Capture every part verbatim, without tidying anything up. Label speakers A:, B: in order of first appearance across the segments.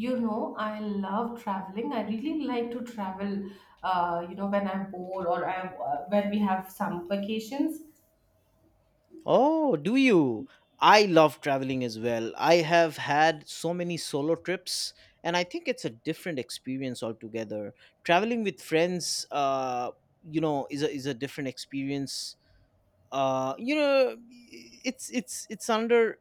A: You know, I love traveling. I really like to travel, uh, you know, when I'm bored or I'm, uh, when we have some vacations.
B: Oh, do you? I love traveling as well. I have had so many solo trips, and I think it's a different experience altogether. Traveling with friends, uh, you know, is a is a different experience. Uh, you know, it's it's it's under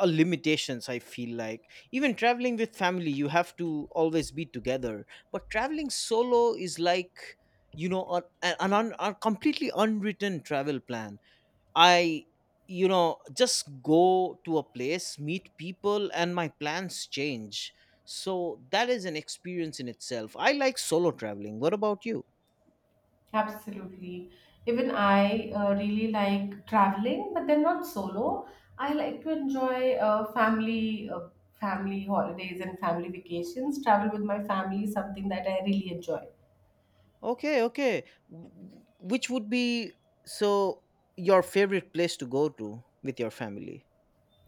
B: uh, limitations. I feel like even traveling with family, you have to always be together. But traveling solo is like, you know, a an, an un, a completely unwritten travel plan. I, you know, just go to a place, meet people, and my plans change. So that is an experience in itself. I like solo traveling. What about you?
A: Absolutely. Even I uh, really like traveling, but then not solo. I like to enjoy uh, family, uh, family holidays and family vacations. Travel with my family is something that I really enjoy.
B: Okay, okay. W- Which would be so your favorite place to go to with your family?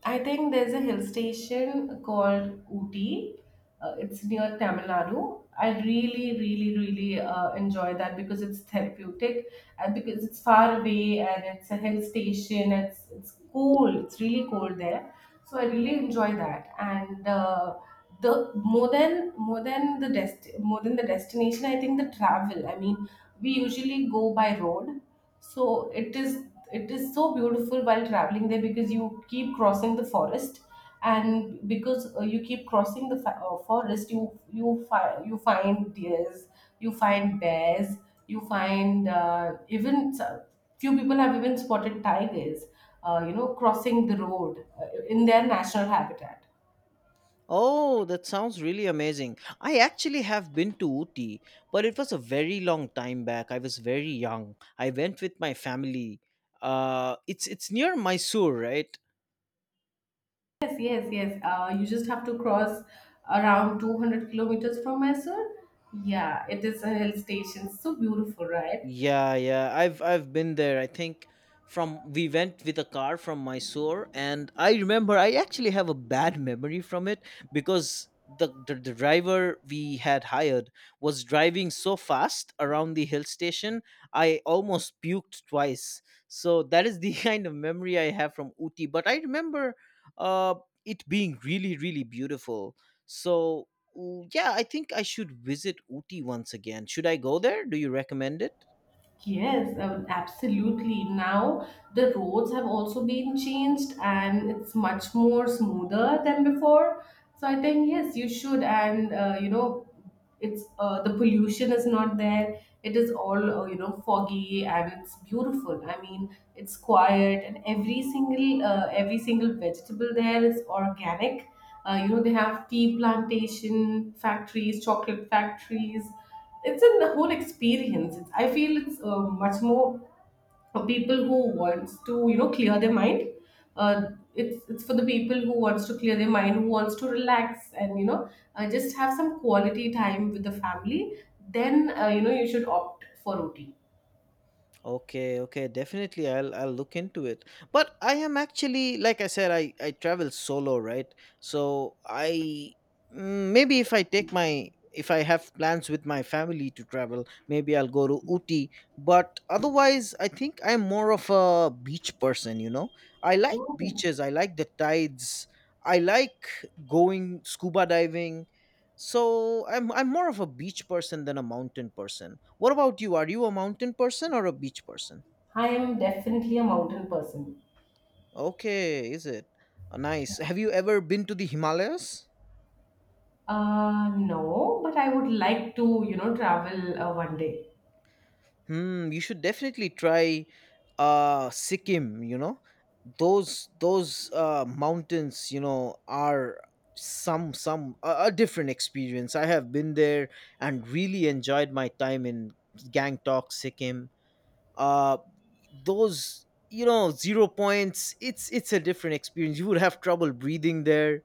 A: I think there's a hill station called Ooty. Uh, it's near Tamil Nadu. I really, really, really uh, enjoy that because it's therapeutic and because it's far away and it's a hill station. It's it's cold. It's really cold there, so I really enjoy that. And uh, the more than more than the dest- more than the destination, I think the travel. I mean, we usually go by road, so it is it is so beautiful while traveling there because you keep crossing the forest, and because uh, you keep crossing the fa- uh, forest, you you find you find deers, you find bears, you find uh, even s- few people have even spotted tigers uh, you know crossing the road uh, in their national habitat.
B: Oh, that sounds really amazing. I actually have been to Uti, but it was a very long time back. I was very young. I went with my family. Uh, it's it's near Mysore, right?
A: Yes yes yes uh, You just have to cross around two hundred kilometers from Mysore. Yeah, it is a hill station, so beautiful, right?
B: Yeah, yeah. I've I've been there. I think from we went with a car from Mysore, and I remember I actually have a bad memory from it because the, the, the driver we had hired was driving so fast around the hill station, I almost puked twice. So that is the kind of memory I have from Uti, but I remember uh it being really, really beautiful. So ooh, yeah, I think I should visit Uti once again. Should I go there? Do you recommend it?
A: Yes, um, absolutely. Now the roads have also been changed and it's much more smoother than before. So I think yes, you should. And uh, you know, it's uh, the pollution is not there. It is all uh, you know foggy and it's beautiful. I mean, it's quiet and every single uh, every single vegetable there is organic. Uh, you know, they have tea plantation factories, chocolate factories. It's In the whole experience, it's, I feel it's uh, much more for people who wants to you know clear their mind. Uh, it's it's for the people who wants to clear their mind, who wants to relax, and you know uh, just have some quality time with the family. Then uh, you know you should opt for Ooty.
B: Okay, okay, definitely I'll I'll look into it. But I am actually, like I said, I I travel solo, right? So I mm, maybe if I take my, if I have plans with my family to travel, maybe I'll go to Uti. But otherwise, I think I'm more of a beach person, you know. I like beaches, I like the tides. I like going scuba diving. So I'm I'm more of a beach person than a mountain person. What about you? Are you a mountain person or a beach person?
A: I am definitely a mountain person.
B: Okay, is it? Uh, Nice. Have you ever been to the Himalayas?
A: Uh no, but I would like to you know travel uh, one day.
B: Hmm, you should definitely try uh Sikkim, you know. Those those uh mountains, you know, are some some a, a different experience. I have been there and really enjoyed my time in Gangtok, Sikkim. uh those, you know, zero points, it's it's a different experience. You would have trouble breathing there.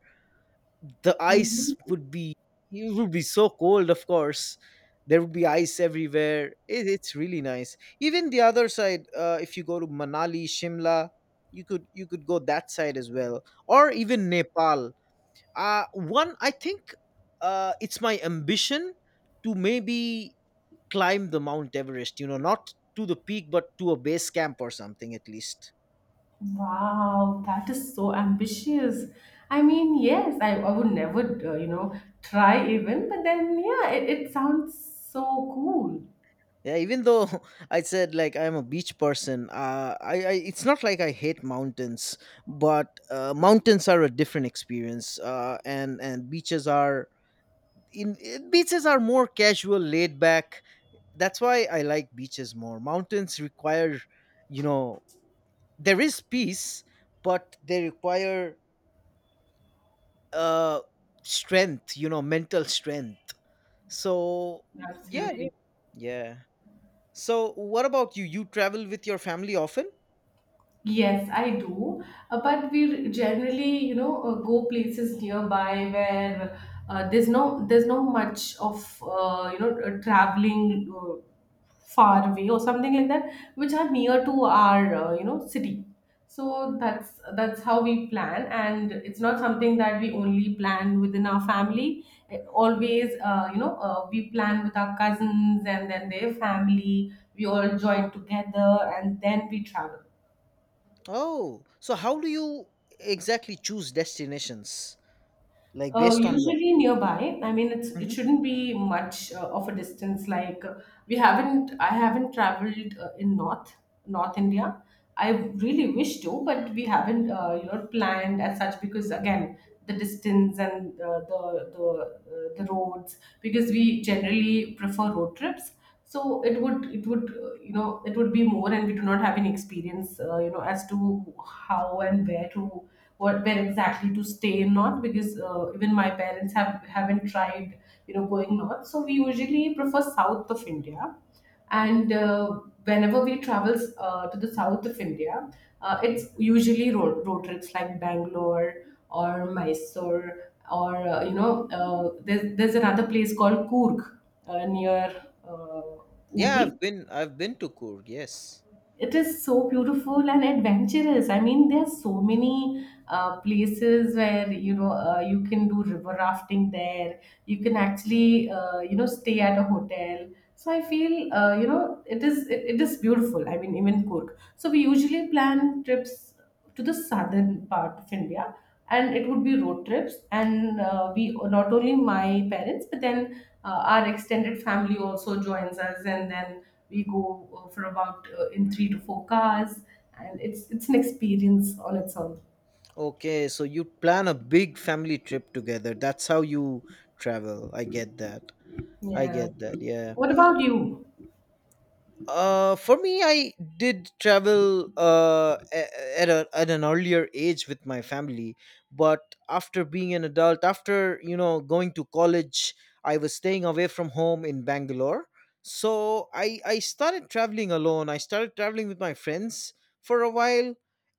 B: The ice
A: Really.
B: would be, it would be so cold. Of course, there would be ice everywhere. It, it's really nice. Even the other side, uh, if you go to Manali, Shimla, you could, you could go that side as well, or even Nepal. Uh one I think uh It's my ambition to maybe climb the Mount Everest, you know, not to the peak, but to a base camp or something at least.
A: Wow, that is so ambitious. I mean, yes, I, I would never, uh, you know, try even, but then, yeah, it, it sounds so cool.
B: Yeah, even though I said like I'm a beach person, uh, I, I it's not like I hate mountains, but uh, mountains are a different experience, uh, and and beaches are in eh, beaches are more casual, laid back. That's why I like beaches more. Mountains require, you know, there is peace, but they require uh strength, you know, mental strength. So yeah, yeah,
A: Absolutely.
B: yeah. So what about you, you travel with your family often?
A: Yes, I do. Uh, but we generally, you know, uh, go places nearby where uh, there's no there's no much of uh, you know uh, traveling uh, far away or something like that, which are near to our uh, you know city. So that's that's how we plan, and it's not something that we only plan within our family. Uh, Always, uh, you know, uh, we plan with our cousins and then their family. We all join together, and then we travel.
B: Oh, so how do you exactly choose destinations? Like
A: Uh,
B: based on what?
A: usually nearby. I mean, it's it
B: Mhm.
A: shouldn't be much uh, of a distance. Like uh, we haven't, I haven't traveled uh, in North North India. I really wish to, but we haven't, uh, you know, planned as such because, again, the distance and uh, the the uh, the roads. Because we generally prefer road trips, so it would it would uh, you know it would be more, and we do not have any experience uh, you know as to how and where to, what where exactly to stay north, because uh, even my parents have haven't tried you know going north, so we usually prefer south of India. And uh, whenever we travel uh, to the south of India, uh, it's usually road, road trips like Bangalore or Mysore, or uh, you know uh, there's, there's another place called Coorg uh, near uh,
B: Yeah,
A: Ooty.
B: I've been I've been to Coorg, yes.
A: It is so beautiful and adventurous. I mean, there are so many uh, places where you know uh, you can do river rafting there. You can actually uh, you know stay at a hotel. So I feel uh, you know it is it, it is beautiful. I mean, even Cork. So we usually plan trips to the southern part of India, and it would be road trips. And uh, we, not only my parents, but then uh, our extended family also joins us, and then we go uh, for about uh, in three to four cars, and it's it's an experience on its own.
B: Okay, so you plan a big family trip together. That's how you travel. I get that. I
A: Yeah.
B: get that. Yeah.
A: What about you?
B: Uh, for me, I did travel uh, a- at, a, at an earlier age with my family, but after being an adult, after, you know, going to college, I was staying away from home in Bangalore. So I I started traveling alone. I started traveling with my friends for a while,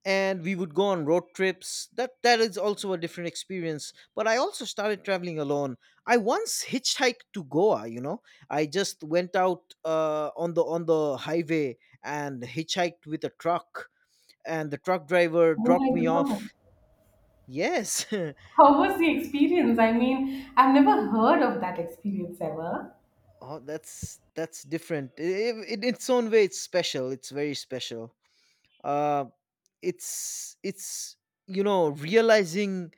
B: and we would go on road trips. That that is also a different experience. But I also started traveling alone. I once hitchhiked to Goa. You know, I just went out uh, on the, on the highway and hitchhiked with a truck, and the truck driver
A: Oh my
B: dropped me
A: God.
B: off. Yes,
A: How was the experience? I mean, I've never heard of that experience ever.
B: oh, that's that's different. I- i- in its own way, it's special. It's very special. Uh, it's it's you know, realizing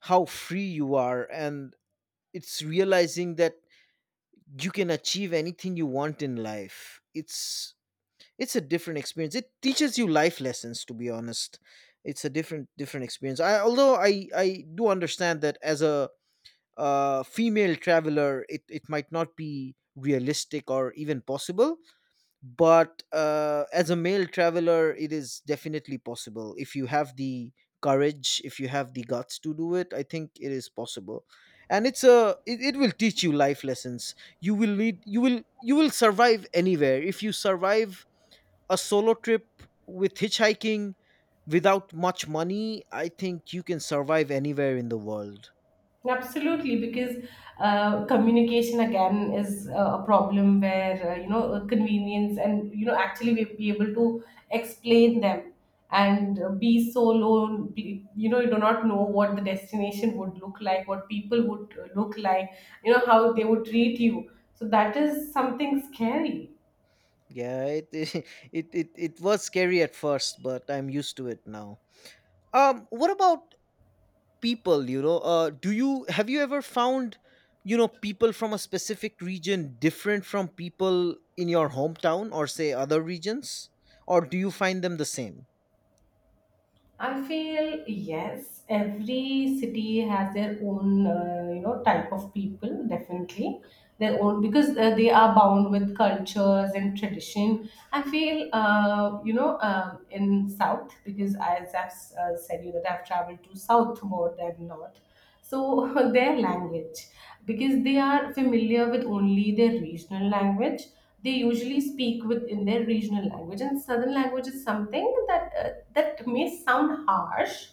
B: how free you are, and it's realizing that you can achieve anything you want in life. It's it's a different experience. It teaches you life lessons, to be honest. It's a different, different experience. I although i i do understand that as a uh, female traveler, it, it might not be realistic or even possible, but uh, as a male traveler, it is definitely possible if you have the courage, if you have the guts to do it. I think it is possible, and it's a it, it will teach you life lessons. you will need you will you will survive anywhere if you survive a solo trip with hitchhiking without much money. I think you can survive anywhere in the world.
A: Absolutely, because uh, communication again is uh, a problem where uh, you know uh, convenience and you know actually we be able to explain them, and uh, be so low. be- You know, you do not know what the destination would look like, what people would uh, look like, you know how they would treat you. So that is something scary.
B: Yeah, it it it, it was scary at first, but I'm used to it now. Um, what about people? You know, uh, do you have you ever found, you know, people from a specific region different from people in your hometown, or say other regions, or do you find them the same?
A: I feel yes, every city has their own, uh, you know, type of people, definitely. Their own, because uh, they are bound with cultures and tradition. I feel, uh, you know, um in South, because as I've uh, said, you that I've traveled to South more than North, so their language, because they are familiar with only their regional language, they usually speak with in their regional language, and southern language is something that uh, that may sound harsh,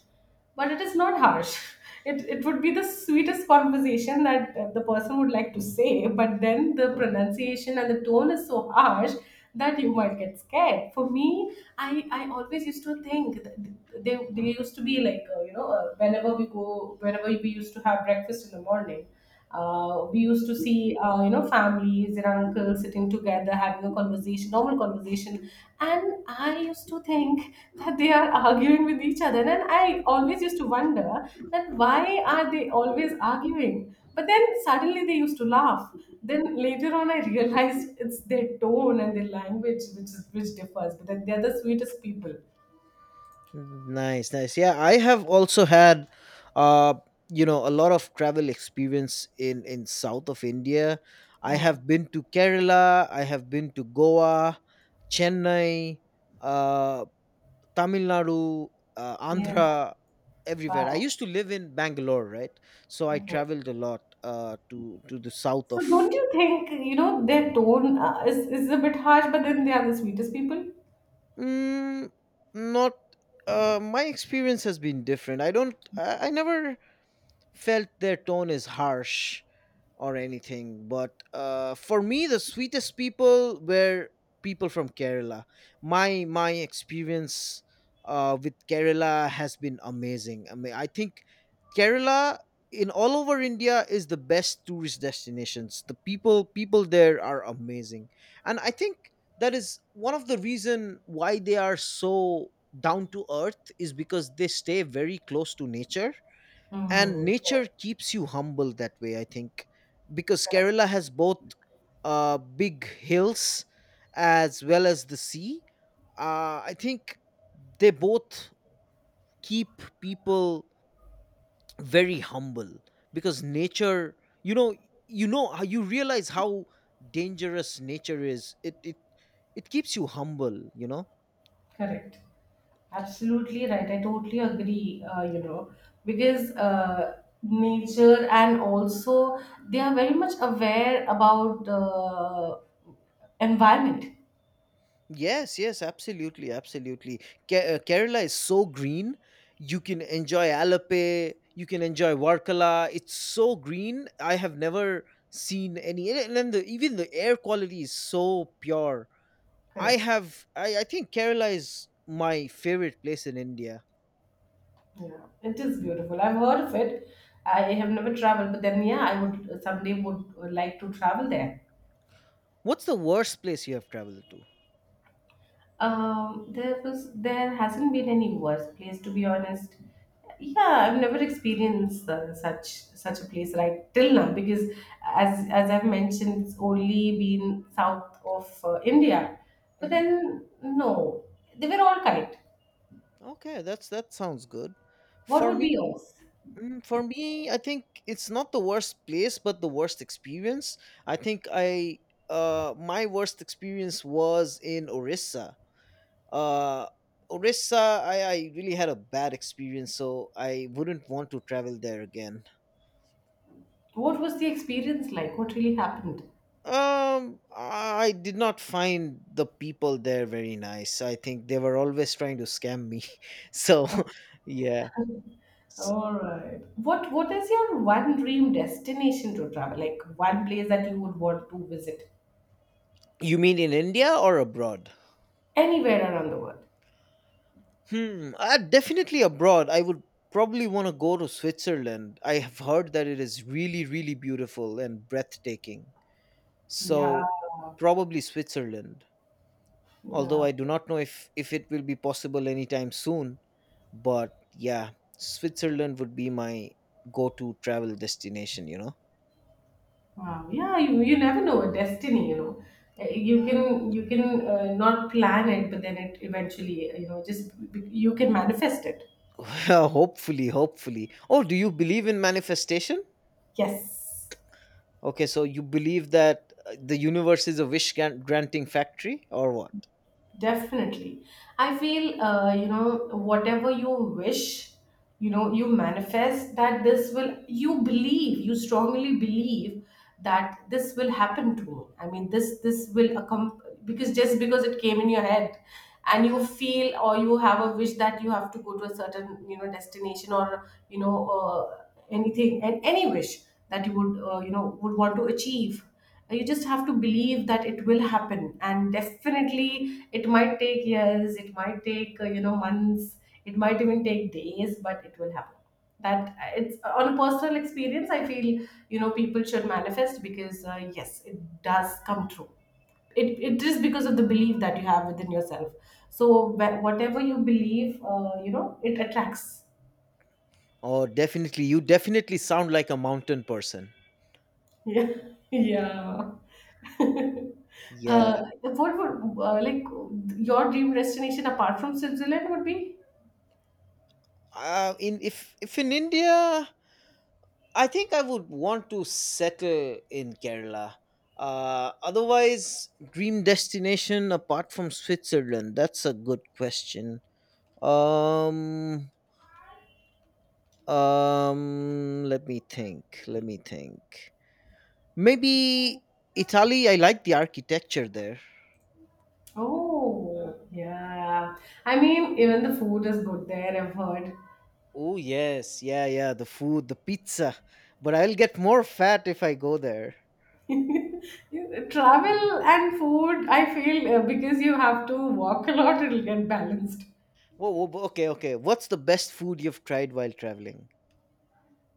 A: but it is not harsh. it, it would be the sweetest conversation that uh, the person would like to say, but then the pronunciation and the tone is so harsh that you might get scared. For me, I, I always used to think that they, they used to be like, uh, you know, uh, whenever we go, whenever we used to have breakfast in the morning, uh, we used to see, uh, you know, families and uncles sitting together having a conversation, normal conversation. And I used to think that they are arguing with each other. And I always used to wonder that why are they always arguing? But then suddenly they used to laugh, then later on, I realized it's their tone and their language which is which differs. But then they're the sweetest people.
B: Nice, nice. Yeah, I have also had, uh, you know, a lot of travel experience in in south of India. I
A: Yeah.
B: have been to Kerala. I have been to Goa, Chennai, uh, Tamil Nadu, uh,
A: Yeah.
B: Andhra, everywhere. I
A: Wow.
B: used to live in Bangalore, right? So I
A: Okay.
B: traveled a lot uh, to to the south
A: So
B: of.
A: don't you think you know their tone uh, is is a bit harsh, but then they are the sweetest people.
B: Mm, not. Uh, my experience has been different. I don't. I, I never felt their tone is harsh or anything. But uh, for me, the sweetest people were people from Kerala. My my experience uh, with Kerala has been amazing. I mean, I think Kerala in all over India is the best tourist destinations. The people people there are amazing, and I think that is one of the reason why they are so down to earth is because they stay very close to nature, and
A: Mm,
B: nature
A: correct.
B: keeps you humble that way, I think. Because
A: Correct.
B: Kerala has both uh, big hills as well as the sea, uh, I think they both keep people very humble. Because nature, you know, you know how you realize how dangerous nature is, it it it keeps you humble, you know.
A: Correct. Absolutely right. I totally agree, uh, you know, because uh, nature, and also they are very much aware about the environment.
B: Yes, yes, absolutely, absolutely. Ke- uh, Kerala is so green. You can enjoy Alape, you can enjoy Varkala. It's so green. I have never seen any, and and then the, even the air quality is so pure. I
A: Correct.
B: have, I, I think Kerala is my favorite place in India.
A: Yeah, it is beautiful. I've heard of it. I have never traveled, but then yeah, I would someday would, would like to travel there.
B: What's the worst place you have traveled to?
A: Um, there was There hasn't been any worse place, to be honest. Yeah, I've never experienced uh, such such a place right till now, because as as I've mentioned, it's only been south of uh, India. But
B: Hmm.
A: then no, they were all kind.
B: Okay, that's, that sounds good.
A: What
B: For
A: would be
B: me,
A: yours?
B: mm, for me, I think it's not the worst place, but the worst experience. I think I uh My worst experience was in Orissa. Uh, Orissa, I, I really had a bad experience, so I wouldn't want to travel there again.
A: What was the experience like? What really happened?
B: Um, I did not find the people there very nice. I think they were always trying to scam me. So, yeah. S,
A: All right. What What is your one dream destination to travel? Like, one place that you would want to visit
B: you mean in India or abroad?
A: anywhere around the world.
B: Hmm, uh, definitely abroad. I would probably want to go to Switzerland. I have heard that it is really, really beautiful and breathtaking.
A: Yeah.
B: So, probably Switzerland. Although
A: Yeah.
B: I do not know if if it will be possible anytime soon. But yeah, Switzerland would be my go-to travel destination. You know,
A: Wow. Yeah. You, you never know a destiny. You know, Uh, you can you can uh, not plan it, but then it eventually uh, you know just b- b- you can manifest it.
B: well, hopefully, hopefully. Oh, do you believe in manifestation?
A: Yes.
B: Okay, so you believe that uh, the universe is a wish gran- granting factory, or what?
A: Definitely. I feel, uh, you know, whatever you wish, you know, you manifest that this will, you believe, you strongly believe that this will happen to me. I mean, this, this will accom because just because it came in your head and you feel, or you have a wish that you have to go to a certain, you know, destination, or, you know, uh, anything, and any wish that you would, uh, you know, would want to achieve. Uh, you just have to believe that it will happen, and definitely it might take years, it might take uh, you know months, it might even take days, but it will happen, that uh, it's uh, on a personal experience, I feel, you know people should manifest, because uh, yes, it does come true. It, it is because of the belief that you have within yourself, so wh- whatever you believe, uh, you know it attracts.
B: Oh, definitely. You definitely sound like a mountain person.
A: Yeah. Yeah.
B: Yeah.
A: Uh, what would, uh, like, your dream destination apart from Switzerland would be?
B: Uh, in, if if in India, I think I would want to settle in Kerala. Uh, otherwise, dream destination apart from Switzerland. That's a good question. Um, um, let me think. Let me think. Maybe Italy. I like the architecture there.
A: Oh, yeah. I mean, even the food is good there, I've heard.
B: Oh yes, yeah, yeah. The food, the pizza. But I'll get more fat if I go there.
A: Travel and food, I feel, uh, because you have to walk a lot, it'll get balanced.
B: Whoa, whoa, okay, okay. What's the best food you've tried while traveling?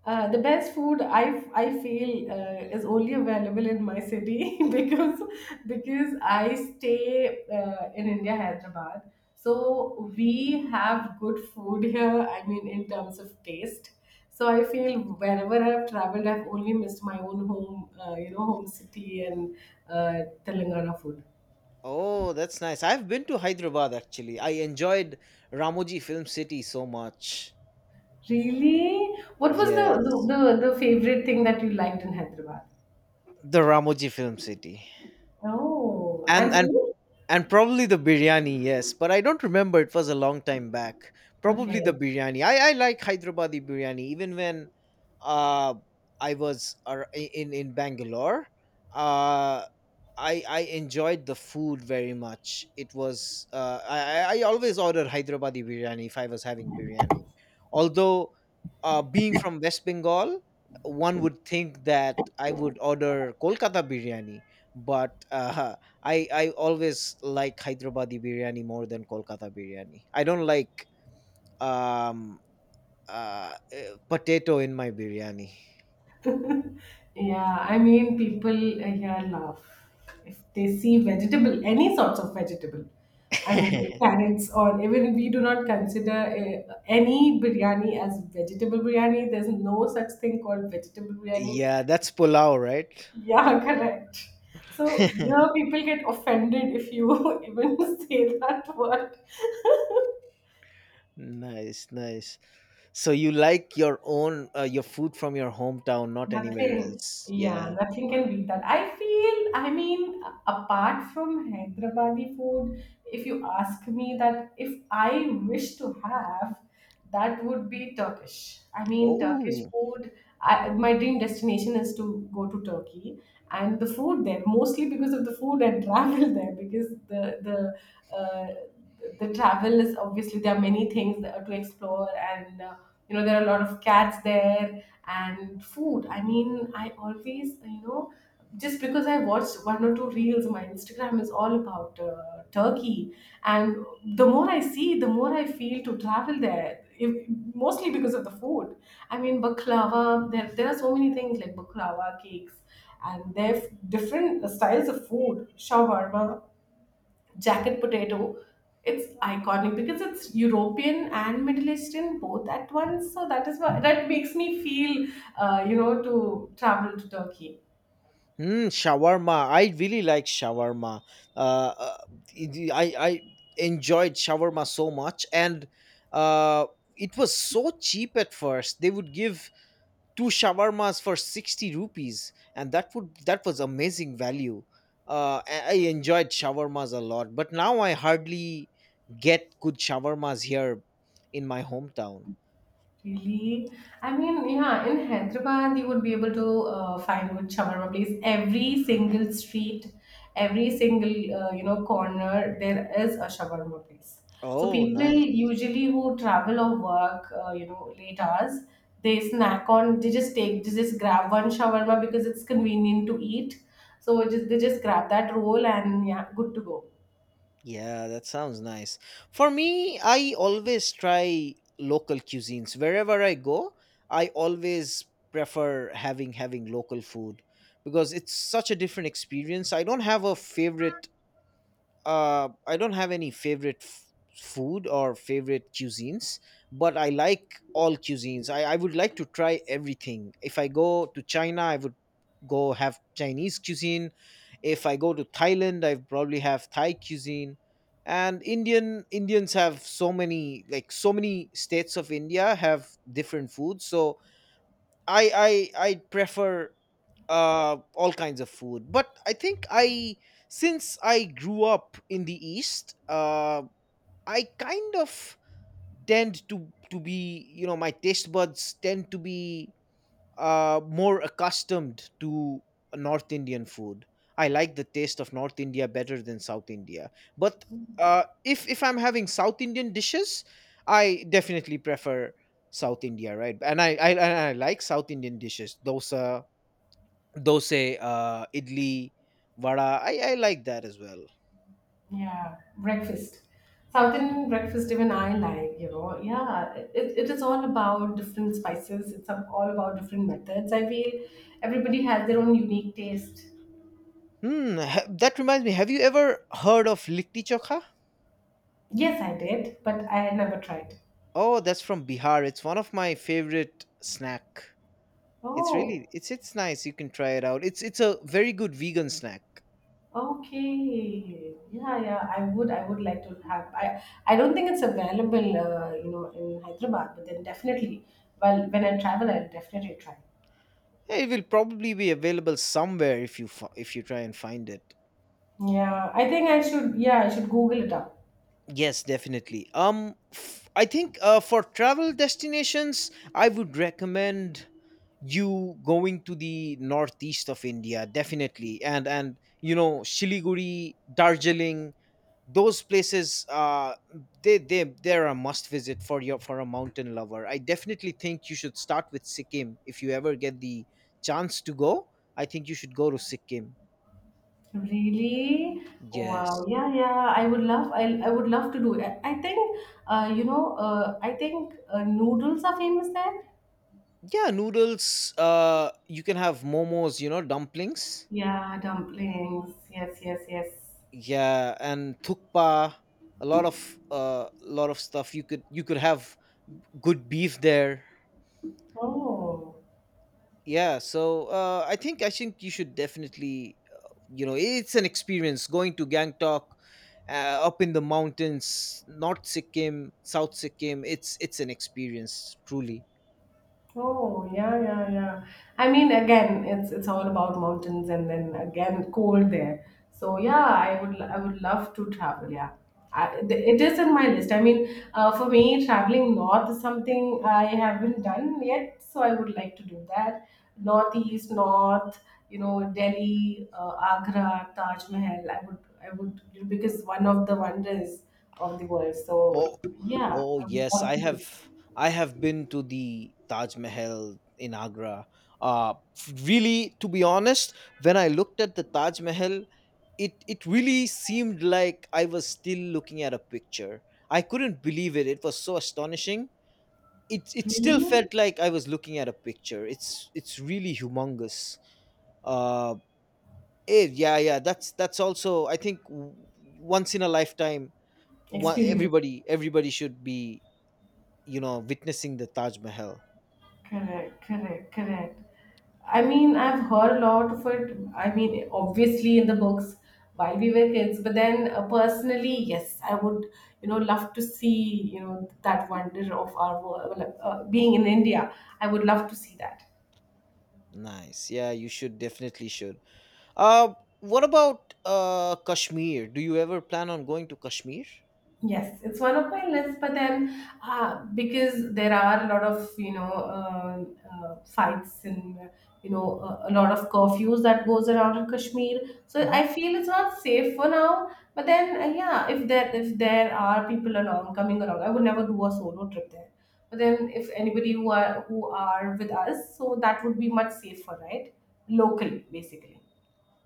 A: Uh, the best food I, I feel uh, is only available in my city because because I stay uh, in India, Hyderabad. So we have good food here. I mean, in terms of taste. So I feel wherever I've traveled, I've only missed my own home, uh, you know, home city, and uh, Telangana food.
B: Oh, that's nice. I've been to Hyderabad actually. I enjoyed Ramoji Film City so much.
A: Really, what was the, the
B: Yes.
A: the the favorite thing that you liked in Hyderabad?
B: The Ramoji Film City.
A: Oh,
B: And
A: and
B: and
A: food.
B: And probably the biryani, yes. But I don't remember. It was a long time back. Probably the
A: Okay.
B: biryani. I, I like Hyderabadi biryani. Even when uh, I was ar- in, in Bangalore, uh, I, I enjoyed the food very much. It was, uh, I, I I always order Hyderabadi biryani if I was having biryani. Although, uh, being from West Bengal, one would think that I would order Kolkata biryani. But uh, I I always like Hyderabadi biryani more than Kolkata biryani. I don't like um uh, uh, potato in my biryani.
A: Yeah, I mean, people uh, here laugh if they see vegetable, any sorts of vegetable. I mean, carrots, or even we do not consider uh, any biryani as vegetable biryani. There's no such thing called vegetable biryani.
B: Yeah, that's pulao, right?
A: Yeah, correct. So here people get offended if you even say that word.
B: Nice, nice. So you like your own uh, your food from your hometown, not anywhere
A: Nothing,
B: else.
A: yeah,
B: Yeah.
A: nothing can beat that. I feel, I mean, apart from Hyderabadi food, if you ask me that if I wish to have, that would be Turkish. I mean, Turkish
B: Oh,
A: food, I, my dream destination is to go to Turkey and the food there, mostly because of the food and travel there, because the the uh, the travel is obviously there are many things that to explore and uh, you know there are a lot of cats there and food. I mean, I always you know just because I watched one or two reels, my Instagram is all about uh, Turkey. And the more I see, the more I feel to travel there, if, mostly because of the food. I mean, baklava, there, there are so many things like baklava, cakes, and they have different styles of food, shawarma, jacket potato. It's iconic because it's European and Middle Eastern both at once, so that is why that makes me feel uh, you know to travel to Turkey.
B: Hmm, shawarma. I really like shawarma. Uh, uh, it- I I enjoyed shawarma so much, and uh, it was so cheap at first. They would give two shawarmas for sixty rupees, and that would that was amazing value. Uh, I I enjoyed shawarmas a lot, but now I hardly get good shawarmas here in my hometown.
A: Really? I mean, yeah, in Hyderabad, you would be able to uh, find good shawarma place. Every single street, every single uh, you know corner, there is a shawarma place. So
B: Oh,
A: people
B: nice.
A: usually who travel or work, uh, you know, late hours, they snack on. They just take, they just grab one shawarma because it's convenient to eat. So just they just grab that roll and yeah, good to go.
B: Yeah, that sounds nice. For me, I always try local cuisines wherever I go. I always prefer having having local food because it's such a different experience. I don't have a favorite uh, I don't have any favorite f- food or favorite cuisines, but I like all cuisines. I, I would like to try everything. If I go to China, I would go have Chinese cuisine. If I go to Thailand, I probably have Thai cuisine. And Indian Indians have so many like so many states of India have different foods. So I I I prefer uh, all kinds of food. But I think I, since I grew up in the East, uh, I kind of tend to to be, you know, my taste buds tend to be uh, more accustomed to North Indian food. I like the taste of North India better than South India. But uh, if if I'm having South Indian dishes, I definitely prefer South India, right? And I I, I I like South Indian dishes, dosa, dosa, uh, idli, vada. I, I like that as well.
A: Yeah, breakfast. South Indian breakfast, even I like, you know. Yeah, it, it is all about different spices. It's all about different methods. I feel everybody has their own unique taste.
B: Hmm, ha- that reminds me. Have you ever heard of litti chokha?
A: Yes, I did, but I had never tried.
B: Oh, that's from Bihar. It's one of my favorite snack. It's really
A: Oh,
B: it's it's nice. You can try it out. It's it's a very good vegan snack.
A: okay. Yeah, yeah. I would, I would like to have. I, I don't think it's available, uh, you know, in Hyderabad. But then definitely, well, when I travel, I'll definitely try.
B: It will probably be available somewhere if you fi- if you try and find it.
A: Yeah, I think I should. Yeah, I should Google it up.
B: Yes, definitely. Um, f- I think uh, for travel destinations, I would recommend you going to the northeast of India, definitely, and and you know Shiliguri, Darjeeling, those places. Uh, they they they're a must visit for your for a mountain lover. I definitely think you should start with Sikkim if you ever get the chance to go. I think you should go to Sikkim.
A: Really? Wow.
B: Yes.
A: Yeah, yeah. I would love. I I would love to do it. I think. Uh, you know. Uh, I think uh, noodles are famous there.
B: Yeah, noodles, uh you can have momos, you know, dumplings.
A: Yeah, dumplings. Yes, yes, yes.
B: Yeah, and thukpa, a lot of uh lot of stuff you could you could have. Good beef there.
A: Oh.
B: Yeah, so uh i think i think you should definitely, uh, you know, it's an experience going to Gangtok, uh, up in the mountains, north Sikkim, south Sikkim. It's it's an experience truly.
A: Oh, yeah, yeah, yeah. I mean, again, it's it's all about mountains and then again cold there. So yeah, I would I would love to travel. Yeah. I, th- it is in my list. I mean, uh, for me, traveling north is something I haven't done yet, so I would like to do that. Northeast, north, you know, Delhi, uh, Agra, Taj Mahal. I would, I would, because one of the wonders of the world.
B: Oh.
A: So yeah,
B: Oh
A: I would
B: yes,
A: love
B: I
A: to
B: have
A: do
B: I have been to the Taj Mahal in Agra. Uh really, to be honest, when I looked at the Taj Mahal, it it really seemed like I was still looking at a picture. I couldn't believe it. It was so astonishing. It it still
A: really
B: felt like I was looking at a picture. It's it's really humongous. Uh eh, yeah, yeah, that's that's also, I think, w- once in a lifetime one,
A: experience.
B: everybody everybody should be, you know, witnessing the Taj Mahal.
A: Correct, correct, correct. I mean, I've heard a lot of it. I mean, obviously in the books while we were kids, but then uh, personally, yes, I would, you know, love to see, you know, that wonder of our world, like, uh, being in India. I would love to see that.
B: Nice, yeah, you should definitely should. uh what about uh Kashmir? Do you ever plan on going to Kashmir?
A: Yes, it's one of my lists, but then uh, because there are a lot of you know uh, uh, fights and uh, you know a, a lot of curfews that goes around in Kashmir, so
B: Mhm.
A: I feel it's not safe for now. But then uh, yeah, if there if there are people along coming along, I would never do a solo trip there. But then if anybody who are who are with us, so that would be much safer, right? Locally, basically.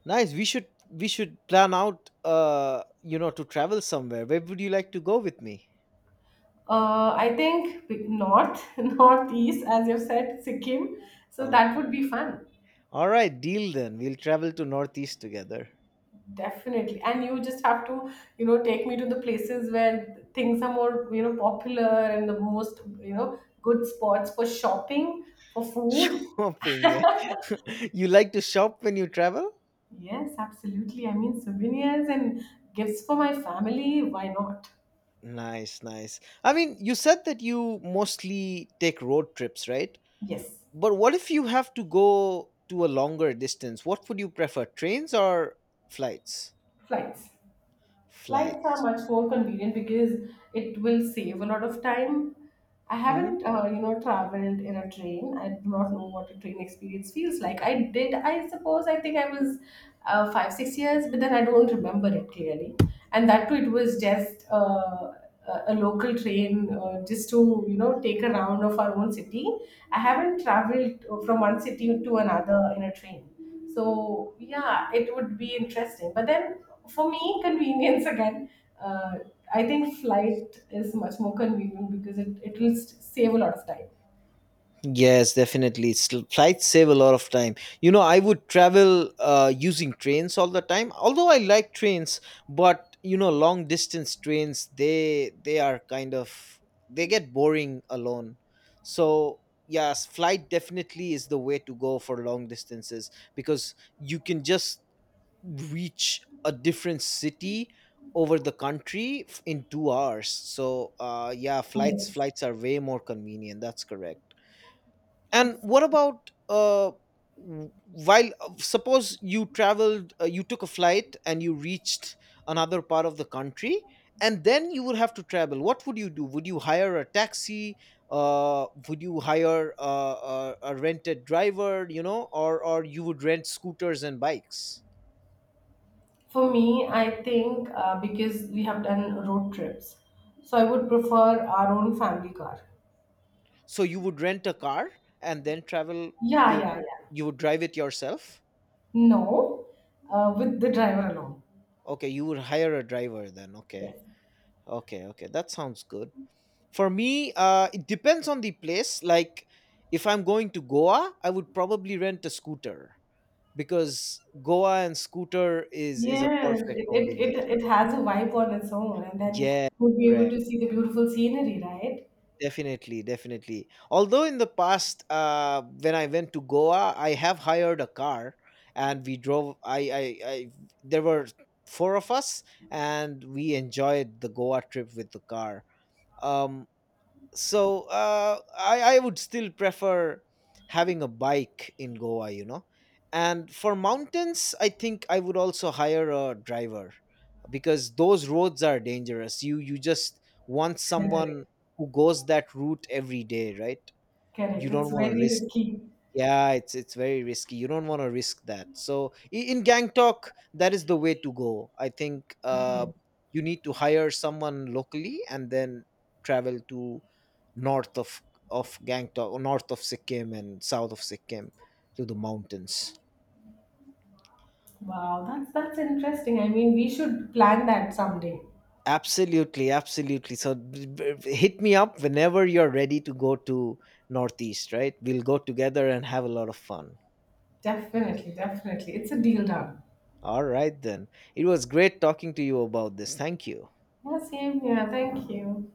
B: Nice, we should we should plan out, uh you know, to travel somewhere. Where would you like to go with me?
A: Uh, I think big north, northeast, as you said, Sikkim. So that would
B: Okay,
A: be fun,
B: all right, deal then. We'll travel to northeast together.
A: definitely. And you just have to, you know, take me to the places where things are more, you know, popular and the most, you know, good spots for shopping, for food.
B: Shopping? Yeah, you like to shop when you travel?
A: Yes, absolutely. I mean, souvenirs and gifts for my family. Why not?
B: Nice, nice. I mean, you said that you mostly take road trips, right?
A: Yes,
B: But what if you have to go to a longer distance? What would you prefer, trains or flights?
A: flights. Flights are
B: Flights.
A: much more convenient because it will save a lot of time. I
B: Hmm.
A: haven't, uh, you know, traveled in a train. I do not know what a train experience feels like. I did, I suppose, I think I was uh, five, six years, but then I don't remember it clearly. And that too, it was just uh, a a local train uh, just to, you know, take a round of our own city. I haven't traveled uh, from one city to another in a train. So yeah, it would be interesting. But then for me, convenience again. Uh, I think flight is much more convenient because it, it will s- save a lot of time.
B: Yes, definitely. Sl- Flights save a lot of time. You know, I would travel uh, using trains all the time. Although I like trains, but you know, long distance trains they they are kind of, they get boring alone. So yes, flight definitely is the way to go for long distances because you can just reach a different city over the country f- in two hours. So uh yeah, flights
A: Yes.
B: flights are way more convenient, that's correct. And what about uh w- while uh, suppose you traveled, uh, you took a flight and you reached another part of the country, and then you would have to travel, what would you do? Would you hire a taxi, uh would you hire uh, a, a rented driver, you know, or or you would rent scooters and bikes?
A: For me, I think uh, because we have done road trips, so I would prefer our own family car.
B: So you would rent a car and then travel.
A: Yeah,
B: wi-
A: yeah, yeah.
B: You would drive it yourself.
A: No, uh, with the driver alone.
B: Okay, you would hire a driver then. Okay,
A: Yes.
B: okay, okay. That sounds good. For me, uh, it depends on the place. Like, if I'm going to Goa, I would probably rent a scooter because Goa and scooter is is a
A: Yes,
B: perfect
A: it, it,
B: combination.
A: it, it has a vibe on its own, and then
B: Yeah,
A: we'll be able
B: correct.
A: to see the beautiful scenery, right?
B: Definitely, definitely. Although in the past, uh, when I went to Goa, I have hired a car and we drove. I, I, I there were four of us, and we enjoyed the Goa trip with the car. Um, so uh, I, I would still prefer having a bike in Goa, you know. And for mountains, I think I would also hire a driver because those roads are dangerous. You you just want someone
A: Correct.
B: who goes that route every day, right? You
A: Correct.
B: don't
A: It's
B: want to
A: very
B: risk.
A: risky.
B: Yeah, it's it's very risky. You don't want to risk that. So in, in Gangtok, that is the way to go. I think uh,
A: Okay.
B: you need to hire someone locally and then travel to north of of Gangtok, north of Sikkim and south of Sikkim, to the mountains.
A: Wow, that's that's interesting. I mean, we should plan that someday.
B: Absolutely, absolutely. So b- b- hit me up whenever you're ready to go to Northeast, right? We'll go together and have a lot of fun.
A: Definitely, definitely. It's a deal done.
B: All right then. It was great talking to you about this. Thank you.
A: Yeah, same. Yeah, thank you.